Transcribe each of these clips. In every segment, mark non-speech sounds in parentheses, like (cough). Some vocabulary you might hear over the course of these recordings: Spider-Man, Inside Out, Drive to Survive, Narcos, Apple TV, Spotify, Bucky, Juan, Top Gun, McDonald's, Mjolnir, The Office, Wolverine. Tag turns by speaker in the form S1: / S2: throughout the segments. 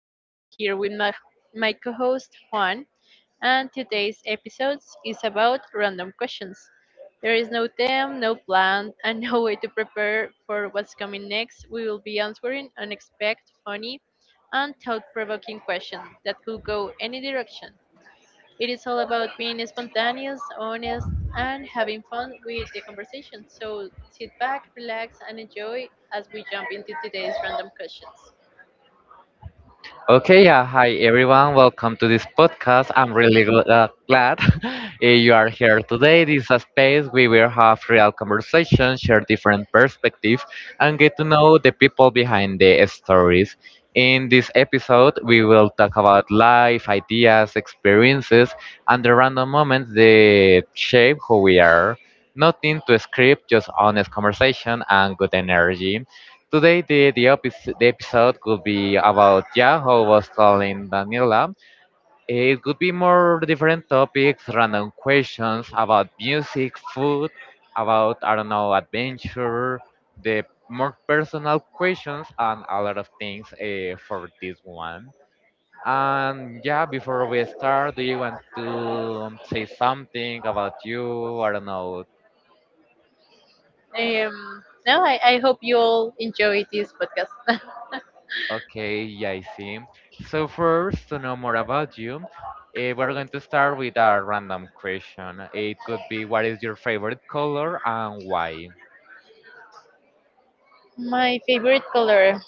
S1: and I'm here with my co host Juan. And today's episode is about random questions. There is no theme, no plan, (laughs) and no way to prepare for what's coming next. We will be answering unexpected, funny, and thought provoking questions that could go any direction. It is all about being spontaneous, honest, and having fun with the conversation. So sit back, relax, and enjoy as we jump into today's random questions.
S2: Okay, yeah, hi everyone. Welcome to this podcast. I'm really glad (laughs) you are here today. This is a space where we will have real conversation, share different perspectives, and get to know the people behind the stories. In this episode, we will talk about life, ideas, experiences, and the random moments that shape who we are. Nothing to script, just honest conversation and good energy. Today, the episode could be about Yahoo was telling Daniela. It could be more different topics, random questions about music, food, about, I don't know, adventure, the more personal questions, and a lot of things for this one. And yeah, before we start, do you want to say something about you? I don't know.
S1: Um, no, I hope you all enjoy this podcast.
S2: Okay, yeah, I see. So first, to know more about you, we're going to start with a random question. It could be, what is your favorite color and why?
S1: (laughs) My favorite color.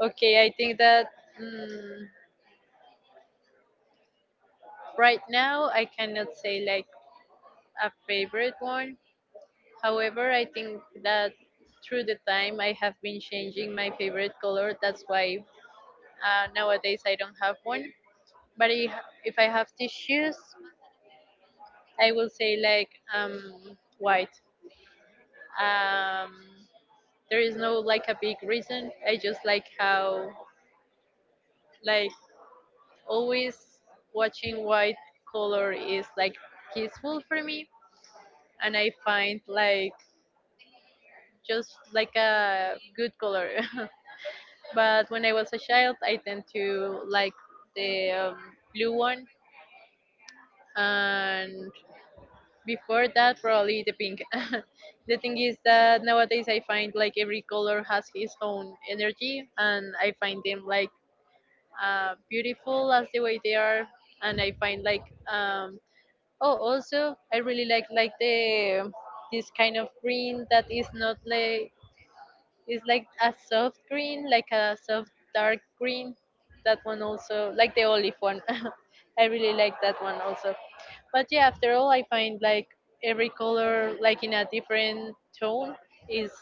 S1: Okay, I think that mm, right now I cannot say like a favorite one. However, I think that through the time I have been changing my favorite color. That's why nowadays, I don't have one. But if I have tissues, I will say like um, white. Um, there is no like a big reason. I just like how, like, always watching white color is like peaceful for me, and I find like just like a good color. (laughs) But when I was a child, I tend to like the blue one, and before that probably the pink. (laughs) The thing is that nowadays I find like every color has his own energy, and I find them like beautiful as the way they are. And I find like um oh, also I really like the this kind of green that is not like, is like a soft green, like a soft dark green. That one also, like the olive one. (laughs) I really like that one also. But yeah, after all, I find like every color, like in a different tone, is,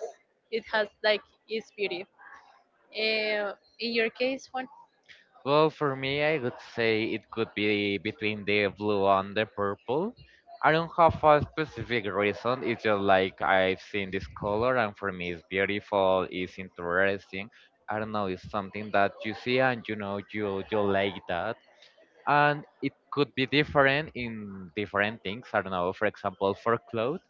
S1: it has like its beauty. Uh, in your case, one.
S2: Well, for me, I would say it could be between the blue and the purple. I don't have a specific reason. It's just like I've seen this color, and for me, it's beautiful. It's interesting. I don't know. It's something that you see, and you know, you like that, and it could be different in different things. I don't know, for example, for clothes,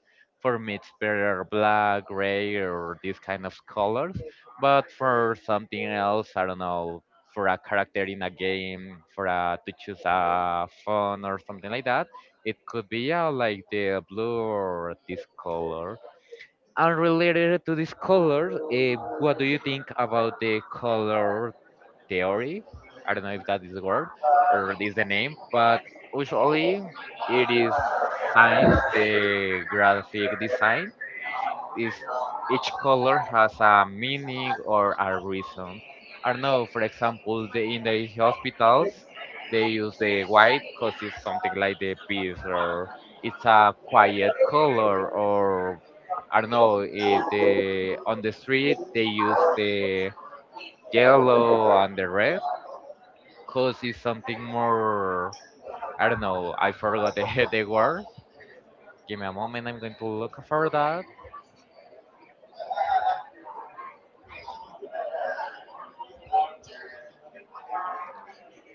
S2: for me it's better black, gray, or these kind of colors. But for something else, I don't know, for a character in a game, for a, to choose a phone or something like that, it could be like the blue or this color. And related to this color, what do you think about the color theory? I don't know if that is the word or is the name, but usually it is science. The graphic design is, each color has a meaning or a reason. I don't know. For example, the, in the hospitals, they use the white because it's something like the peace, or it's a quiet color, or I don't know. It, the, on the street, they use the yellow and the red cause is something more, I don't know, I forgot the (laughs) the word. Give me a moment, I'm going to look for that.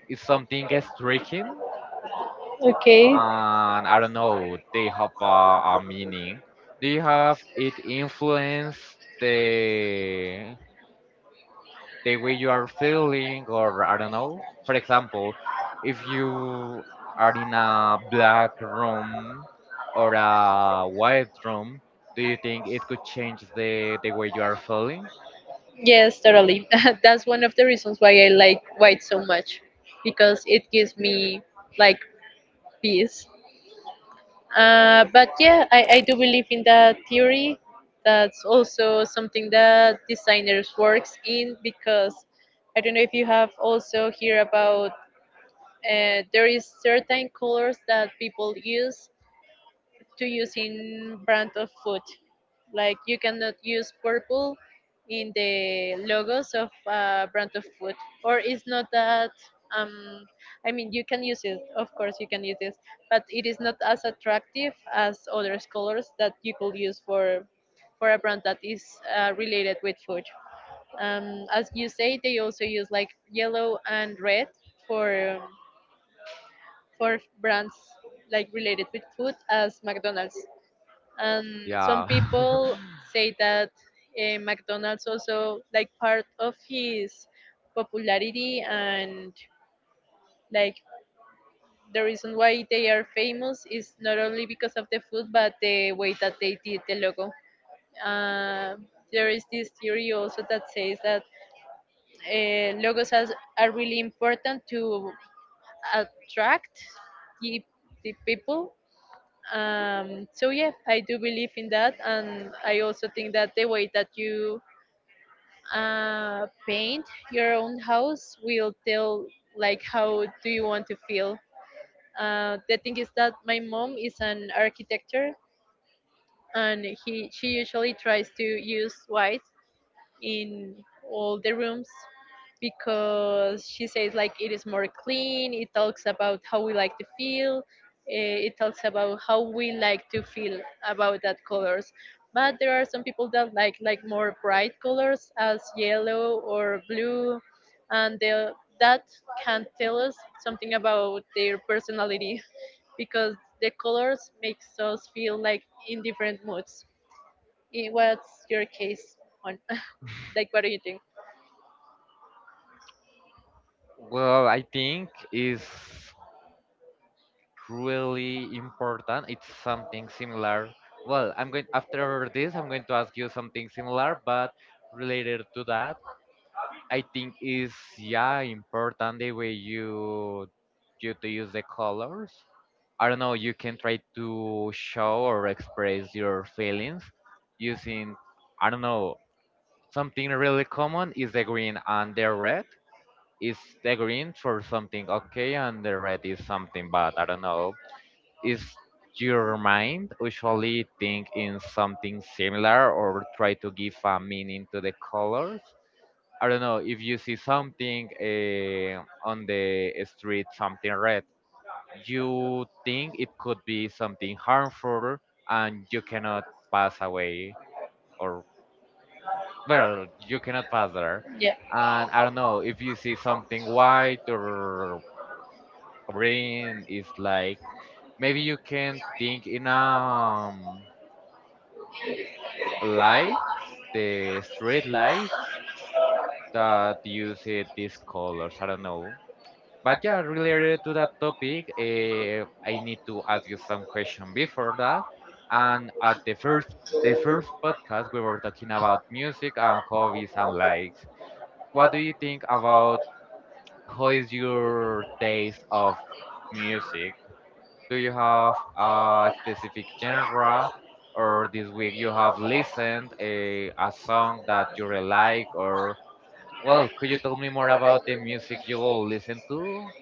S2: It's something stretching,
S1: Okay.
S2: and I don't know, they have a meaning. Do you have it influence the the way you are feeling, or I don't know? For example, if you are in a black room or a white room, do you think it could change the way you are feeling?
S1: Yes, totally. (laughs) That's one of the reasons why I like white so much, because it gives me like peace. But yeah, I do believe in that theory. That's also something that designers works in, because I don't know if you have also hear about there is certain colors that people use to use in brand of food. Like, you cannot use purple in the logos of brand of food, or it's not that. Um, I mean, you can use it, of course, you can use it, but it is not as attractive as other colors that you could use for a brand that is related with food. As you say, they also use like yellow and red for brands like related with food as McDonald's, and some
S2: Yeah.
S1: people
S2: (laughs)
S1: say that McDonald's also like part of his popularity and like the reason why they are famous is not only because of the food but the way that they did the logo. Uh, there is this theory also that says that logos are really important to attract the, the people. So yeah, I do believe in that, and I also think that the way that you paint your own house will tell like how do you want to feel. The thing is that my mom is an architecture, and he she usually tries to use white in all the rooms, because she says like it is more clean. It talks about how we like to feel It talks about how we like to feel about that colors. But there are some people that like more bright colors as yellow or blue, and they that can tell us something about their personality, (laughs) because the colors makes us feel like in different moods. What's your case on? (laughs) Like, what do you think?
S2: Well, I think is really important. It's something similar. Well, I'm going after this, I'm going to ask you something similar, but related to that, I think is, yeah, important the way you to use the colors. I don't know. You can try to show or express your feelings using, I don't know. Something really common is the green and the red, is the green for something okay and the red is something bad. I don't know. Is your mind usually think in something similar, or try to give a meaning to the colors? I don't know. If you see something on the street, something red, you think it could be something harmful and you cannot pass away, or, well, you cannot pass there.
S1: Yeah.
S2: And I don't know, if you see something white or, brain is like maybe you can think in light, the street lights that use it these colors, I don't know. But yeah, related to that topic, I need to ask you some question before that, and at the first, the first podcast we were talking about music and hobbies and likes. What do you think about, how is your taste of music? Do you have a specific genre, or this week you have listened a song that you really like, or, well, could you tell me more about the music you listen to?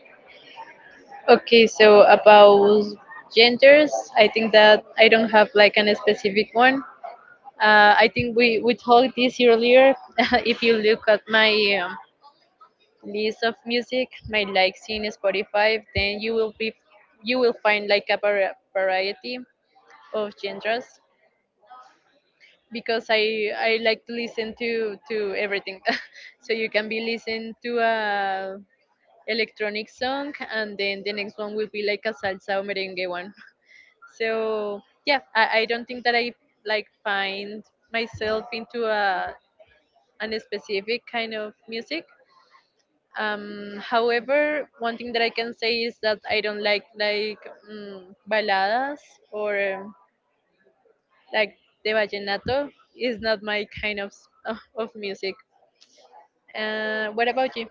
S1: Okay, so about genders, I think that I don't have like an specific one. I think we talked this earlier. (laughs) If you look at my um, list of music, my likes in Spotify, then you will find like a variety of genres because I like to listen to everything. (laughs) So you can be listening to a electronic song and then the next one will be like a salsa or merengue one. So yeah, I don't think that I like find myself into a an specific kind of music. However, one thing that I can say is that I don't like mm, baladas or like the vallenato is not my kind of of music. What about you?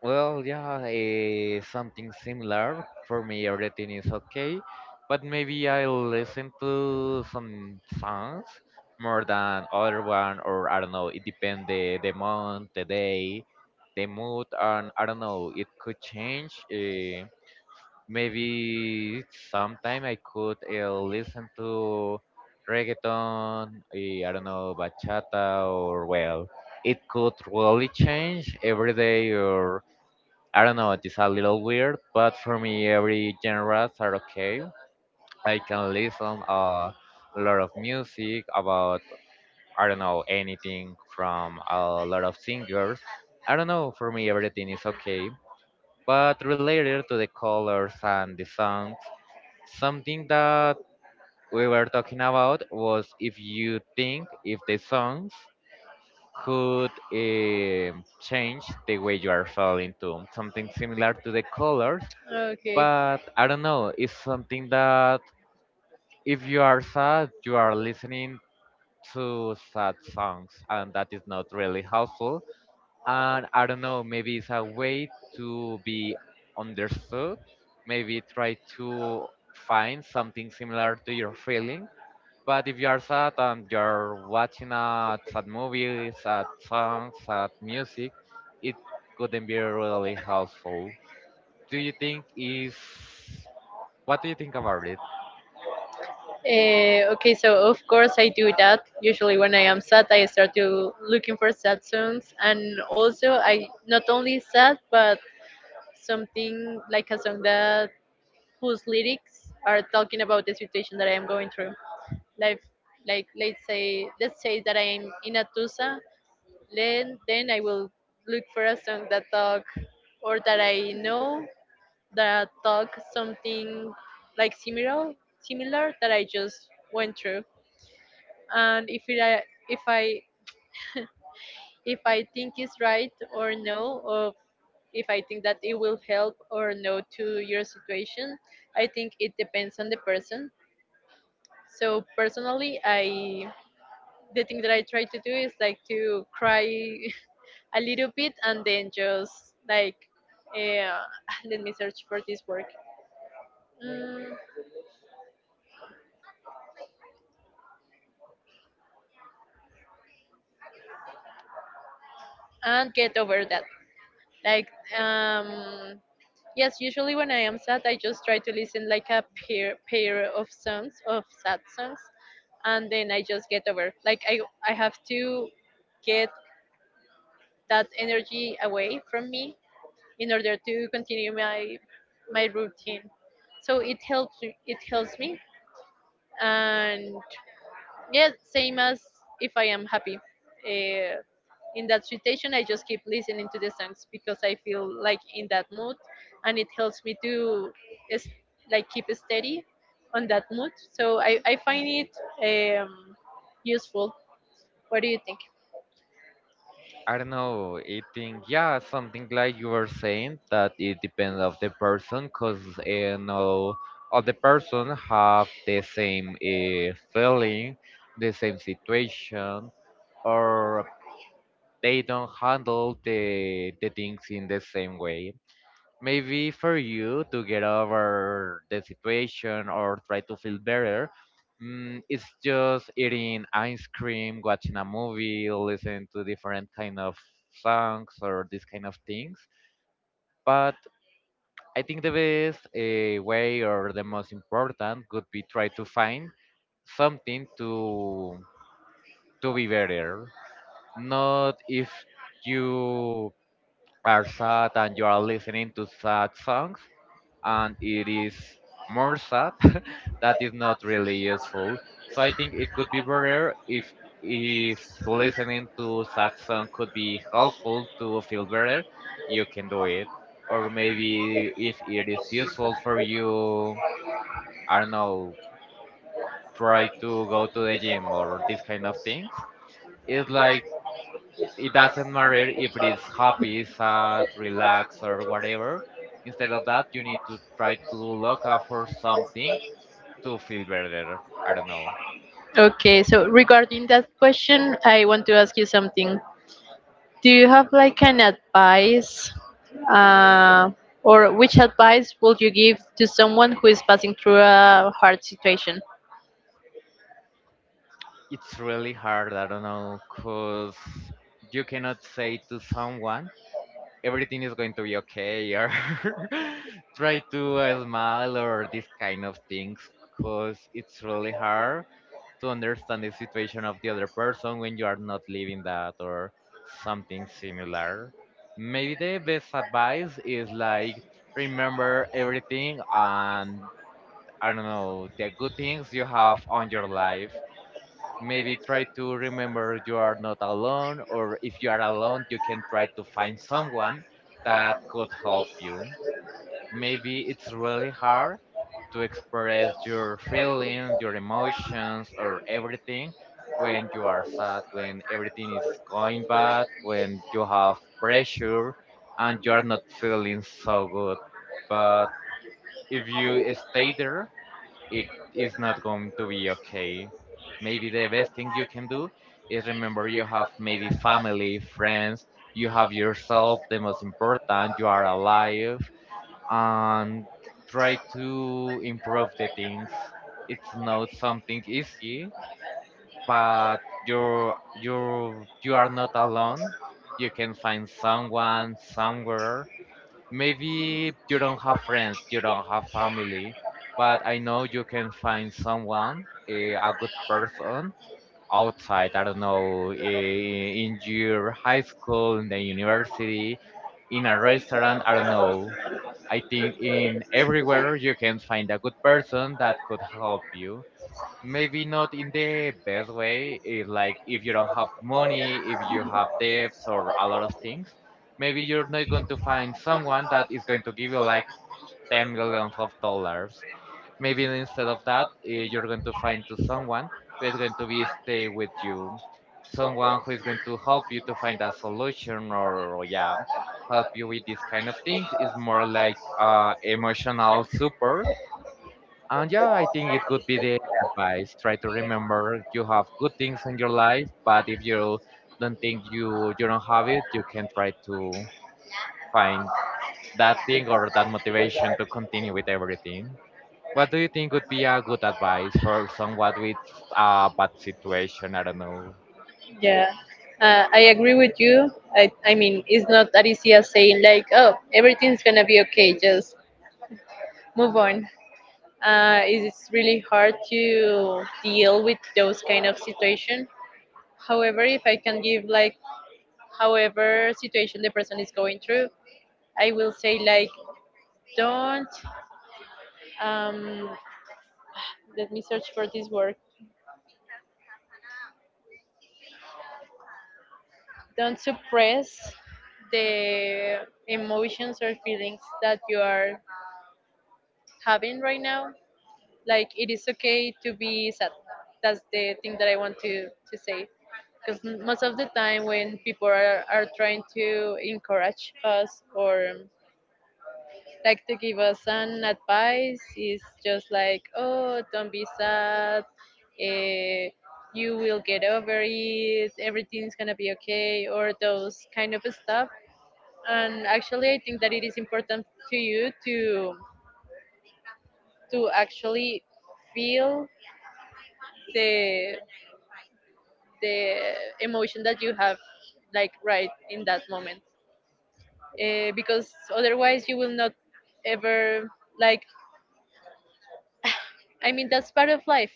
S2: Well, yeah, something similar. For me, everything is okay, but maybe I listen to some songs more than other one, or I don't know. It depends the month, the day, the mood, and I don't know. It could change. Maybe sometime I could listen to reggaeton, I don't know, bachata, or, well, it could really change every day, or I don't know, it is a little weird, but for me, every genres are okay. I can listen a lot of music about, I don't know, anything from a lot of singers. I don't know, for me, everything is okay. But related to the colors and the songs, something that we were talking about was if you think if the songs could change the way you are falling, to something similar to the colors,
S1: Okay.
S2: but I don't know, it's something that if you are sad, you are listening to sad songs, and that is not really helpful. And I don't know, maybe it's a way to be understood, maybe try to find something similar to your feelings. But if you are sad and you're watching sad movies, sad songs, sad music, it couldn't be really helpful. Do you think is, what do you think about it?
S1: Okay, so of course I do that. Usually when I am sad, I start to looking for sad songs, and also I not only sad, but something like a song that whose lyrics are talking about the situation that I am going through. Like, like, let's say that I am in a tusa, then I will look for a song that talk or that I know that talk something like similar that I just went through. And if I if I think it's right or no, or if I think that it will help or no to your situation, I think it depends on the person. So personally, I the thing that I try to do is like to cry (laughs) a little bit, and then just like uh, (laughs) (sighs) let me search for this work mm, and get over that. Like, um, yes, usually when I am sad, I just try to listen like a pair of sad songs, and then I just get over. Like, I have to get that energy away from me in order to continue my routine. So it helps me, and yeah, same as if I am happy, uh, in that situation I just keep listening to the songs because I feel like in that mood, and it helps me is, like keep steady on that mood. So I find it useful. What do you think?
S2: I don't know. I think, yeah, something like you were saying that it depends of the person, cause you know all the person have the same feeling, the same situation, or they don't handle the things in the same way. Maybe for you to get over the situation or try to feel better, it's just eating ice cream, watching a movie, listening to different kind of songs or these kind of things. But I think the best way, or the most important would be try to find something to be better. Not if you are sad and you are listening to sad songs and it is more sad. (laughs) That is not really useful. So I think it could be better if listening to sad song could be helpful to feel better, you can do it. Or maybe if it is useful for you, I don't know, try to go to the gym or these kind of things. It's like it doesn't matter if it is happy, sad, relaxed or whatever. Instead of that, you need to try to look out for something to feel better. I don't know.
S1: Okay, so regarding that question, I want to ask you something. Do you have like an advice, uh, or which advice would you give to someone who is passing through a hard situation?
S2: It's really hard. I don't know, cause you cannot say to someone everything is going to be okay, or (laughs) try to smile or these kind of things, cause it's really hard to understand the situation of the other person when you are not living that or something similar. Maybe the best advice is like remember everything, and I don't know, the good things you have on your life. Maybe try to remember you are not alone, or if you are alone, you can try to find someone that could help you. Maybe it's really hard to express your feelings, your emotions, or everything when you are sad, when everything is going bad, when you have pressure and you are not feeling so good. But if you stay there, it is not going to be okay. Maybe the best thing you can do is remember you have maybe family, friends, you have yourself, the most important, you are alive, and try to improve the things. It's not something easy, but you're you are not alone. You can find someone somewhere. Maybe you don't have friends, you don't have family, but I know you can find someone, a good person outside, I don't know, in your high school, in the university, in a restaurant, I don't know. I think in everywhere you can find a good person that could help you, maybe not in the best way, like if you don't have money, if you have debts or a lot of things, maybe you're not going to find someone that is going to give you like 10 millions of dollars. Maybe instead of that, you're going to find to someone who is going to be stay with you, someone who is going to help you to find a solution, or, yeah, help you with this kind of thing is more like emotional support. And yeah, I think it could be the advice. Try to remember you have good things in your life, but if you don't think you, you don't have it, you can try to find that thing or that motivation to continue with everything. What do you think would be a good advice for someone with a bad situation? I don't know.
S1: Yeah, I agree with you. I mean, it's not that easy as saying, like, oh, everything's gonna be okay, just move on. It's really hard to deal with those kind of situation. However, if I can give, like, however situation the person is going through, I will say, like, don't, um, let me search for this word, don't suppress the emotions or feelings that you are having right now. Like, it is okay to be sad. That's the thing that I want to say, because most of the time when people are trying to encourage us or like to give us an advice is just like, oh, don't be sad. eh, you will get over it, everything's gonna be okay, or those kind of stuff. And actually I think that it is important to you to actually feel the the emotion that you have like right in that moment. Because otherwise you will not ever, like, I mean, that's part of life.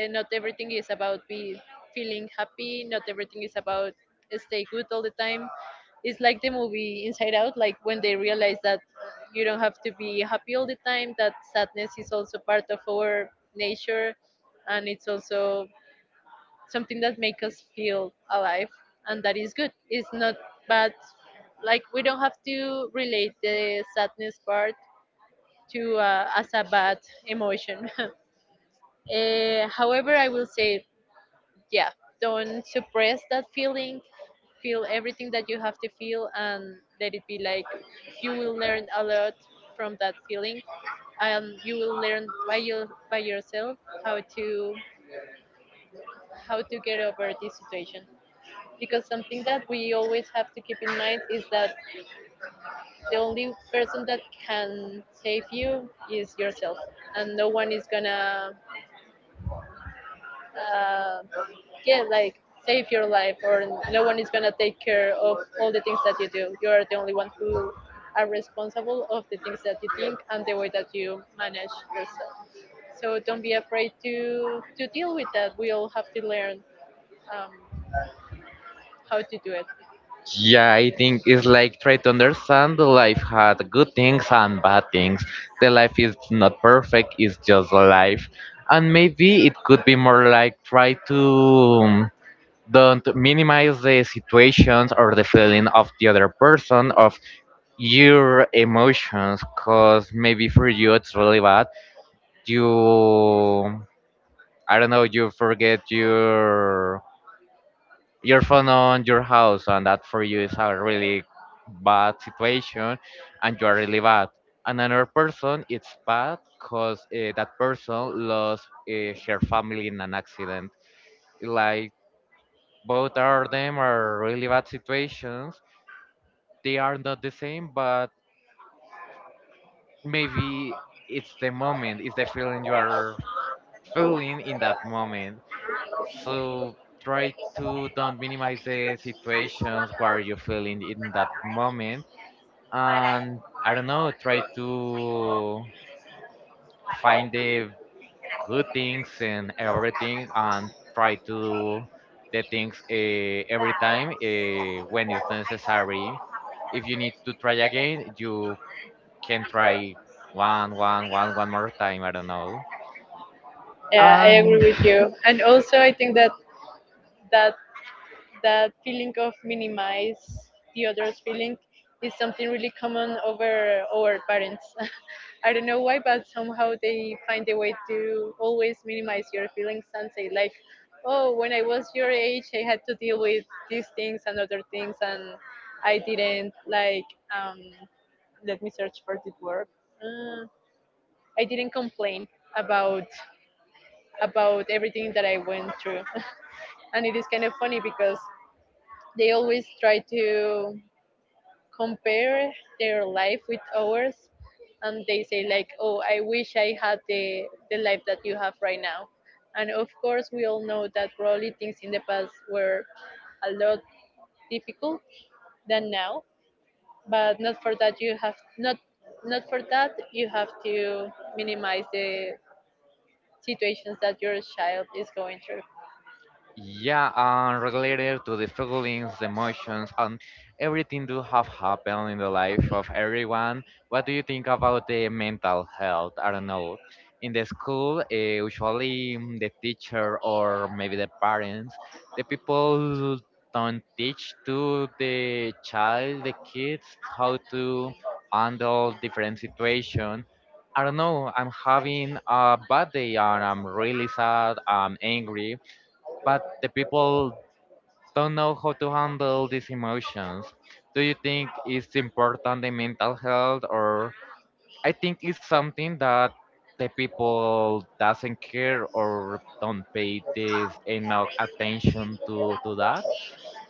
S1: Not everything is about be feeling happy. Not everything is about stay good all the time. It's like the movie Inside Out, like when they realize that you don't have to be happy all the time, that sadness is also part of our nature. And it's also something that make us feel alive, and that is good. It's not bad. Like, we don't have to relate the sadness part to as a bad emotion. (laughs) However, I will say, yeah, don't suppress that feeling. Feel everything that you have to feel and let it be. Like, you will learn a lot from that feeling, and you will learn by yourself how to get over this situation. Because something that we always have to keep in mind is that the only person that can save you is yourself, and no one is gonna uh, yeah, like, save your life. Or no one is gonna take care of all the things that you do. You are the only one who are responsible of the things that you think and the way that you manage yourself. So don't be afraid to deal with that. We all have to learn um, how to do it.
S2: Yeah, I think it's like try to understand the life had good things and bad things. The life is not perfect, it's just life. And maybe it could be more like try to don't minimize the situations or the feeling of the other person, of your emotions, because maybe for you it's really bad. You, I don't know, you forget your phone on your house, and that for you is a really bad situation and you are really bad, and another person it's bad because that person lost her family in an accident. Like both of them are really bad situations, they are not the same, but maybe it's the moment, it's the feeling you are feeling in that moment. So try to don't minimize the situations where you're feeling in that moment. And I don't know, try to find the good things and everything, and try to do the things every time when it's necessary. If you need to try again, you can try one, one, one, one more time. I don't know.
S1: Yeah, I
S2: And
S1: agree with you, and also I think that that feeling of minimize the other's feeling is something really common over our parents. (laughs) I don't know why, but somehow they find a way to always minimize your feelings and say like, "Oh, when I was your age, I had to deal with these things and other things, and I didn't like let me search for the word. Uh, I didn't complain about about everything that I went through." (laughs) And it is kind of funny because they always try to compare their life with ours, and they say like, "Oh, I wish I had the life that you have right now." And of course, we all know that probably things in the past were a lot difficult than now, but not for that you have not not for that you have to minimize the situations that your child is going through.
S2: yeah, and related to the feelings, emotions, and everything do have happened in the life of everyone. What do you think about the mental health? I don't know. In the school, usually the teacher or maybe the parents, the people don't teach to the child, the kids, how to handle different situation. I don't know. I'm having a bad day and I'm really sad. I'm angry, but the people don't know how to handle these emotions. Do you think it's important the mental health? Or I think it's something that the people doesn't care or don't pay this enough attention to that.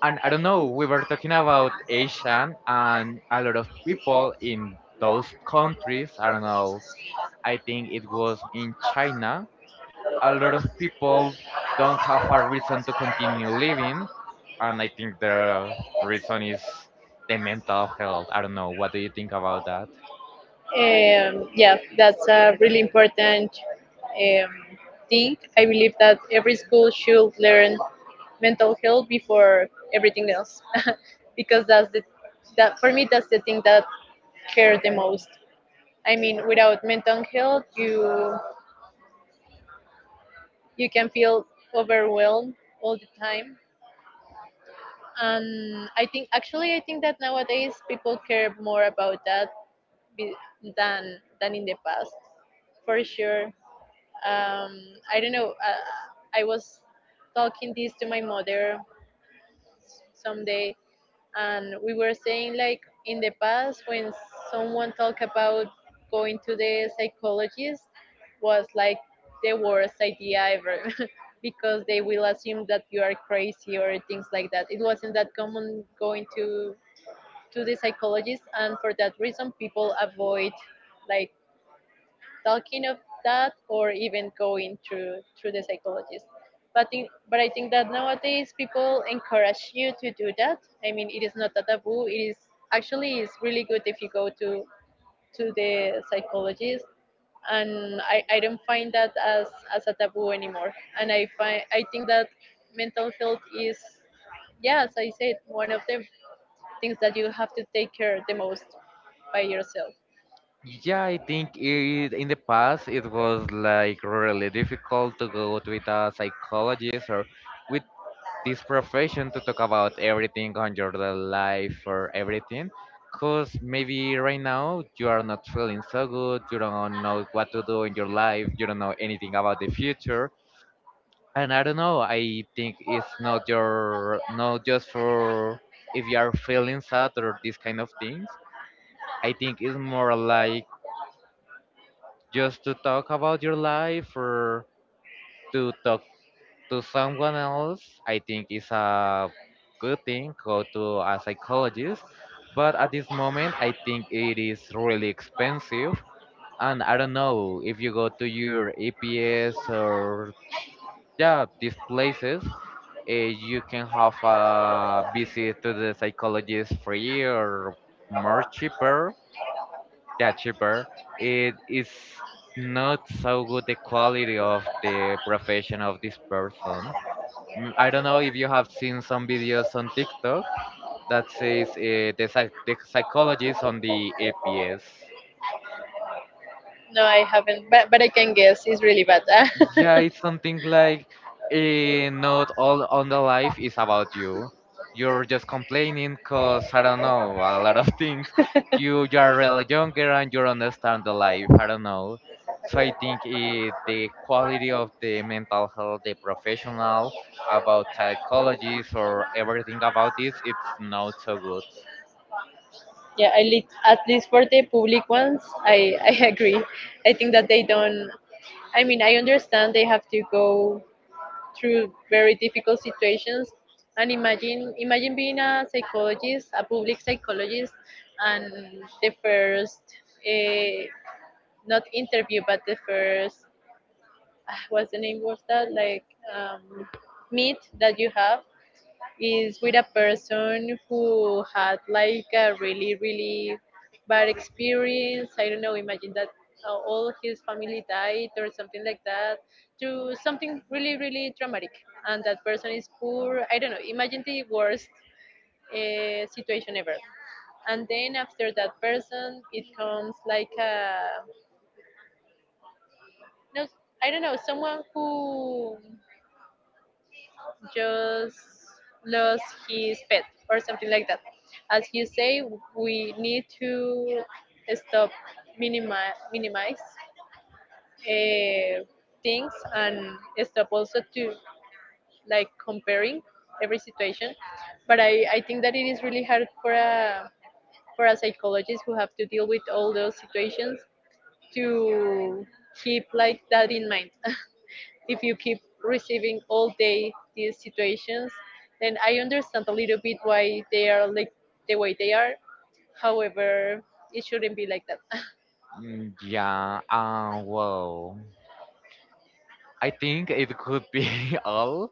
S2: And I don't know, we were talking about Asian and a lot of people in those countries, I don't know, I think it was in China a lot of people don't have a reason to continue living, and I think the reason is the mental health. I don't know. What do you think about that?
S1: Yeah, that's a really important um, thing. I believe that every school should learn mental health before everything else, (laughs) because that for me that's the thing that care the most. I mean, without mental health, you can feel overwhelmed all the time, and I think that nowadays people care more about that be- than in the past for sure. um, I don't know. I was talking this to my mother someday, and we were saying like in the past when someone talked about going to the psychologist was like the worst idea ever, (laughs) because they will assume that you are crazy or things like that. It wasn't that common going to the psychologist, and for that reason, people avoid like talking of that or even going through the psychologist. But I think that nowadays people encourage you to do that. I mean, it is not a taboo. It is actually is really good if you go to the psychologist. And I don't find that as a taboo anymore. And I think that mental health is, yeah, as I said, one of the things that you have to take care the most by yourself.
S2: Yeah, I think it, in the past it was like really difficult to go to with a psychologist or with this profession to talk about everything on your life or everything. Because maybe right now you are not feeling so good, you don't know what to do in your life, you don't know anything about the future and I don't know. I think it's not your, not just for if you are feeling sad or these kind of things. I think it's more like just to talk about your life or to talk to someone else. I think it's a good thing go to a psychologist, but at this moment I think it is really expensive. And I don't know, if you go to your EPS or yeah these places, you can have a visit to the psychologist free or more cheaper. Yeah, cheaper. It is not so good the quality of the profession of this person. I don't know if you have seen some videos on TikTok that says the, the psychologist on the APS.
S1: No, I haven't, but I can guess. It's really bad.
S2: Yeah,
S1: (laughs)
S2: it's something like not all on the life is about you. You're just complaining because I don't know a lot of (laughs) things. You are really younger and you understand the life. I don't know. So I think it, the quality of the mental health, the professional about psychologists or everything about this, it's not so good.
S1: Yeah, I lit at least for the public ones. I (laughs) I agree. I think that they don't. I mean, I understand they have to go through very difficult situations, and imagine being a psychologist, a public psychologist, and the first, uh, not interview, but the first, ah, what's the name of that, like, um, meet that you have is with a person who had like a really really bad experience. I don't know, imagine that, all his family died or something like that, to something really really traumatic, and that person is poor. I don't know, imagine the worst situation ever. And then after that person it comes like a, no, I don't know, someone who just lost his pet or something like that. As you say, we need to stop minimize uh, things and stop also to like comparing every situation. But I think that it is really hard for a psychologist who have to deal with all those situations to keep like that in mind. If you keep receiving all day these situations, then I understand a little bit why they are like the way they are. However, it shouldn't be like that. (laughs)
S2: Yeah. Well, I think it could be (laughs) all.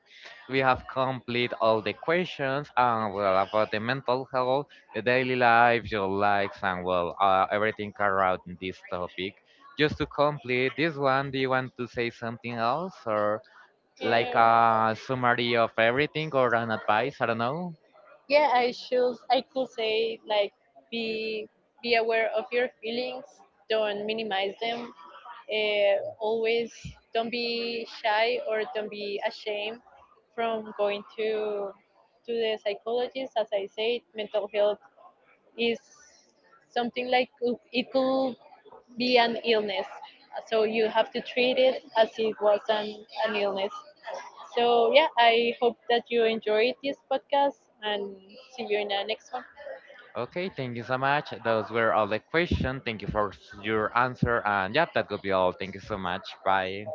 S2: We have complete all the questions and well about the mental health, the daily life, your likes, and well everything around this topic. Just to complete this one, do you want to say something else or like
S1: Um,
S2: a summary of everything or an advice? I don't know.
S1: yeah, I should. I could say like be aware of your feelings. Don't minimize them. Always don't be shy or don't be ashamed from going to the psychologist. As I said, mental health is something like it could be an illness. So you have to treat it as it was an illness. So yeah, I hope that you enjoyed this podcast and see you in the next one.
S2: Okay, thank you so much. Those were all the questions. Thank you for your answer, and yep, that could be all. Thank you so much. Bye.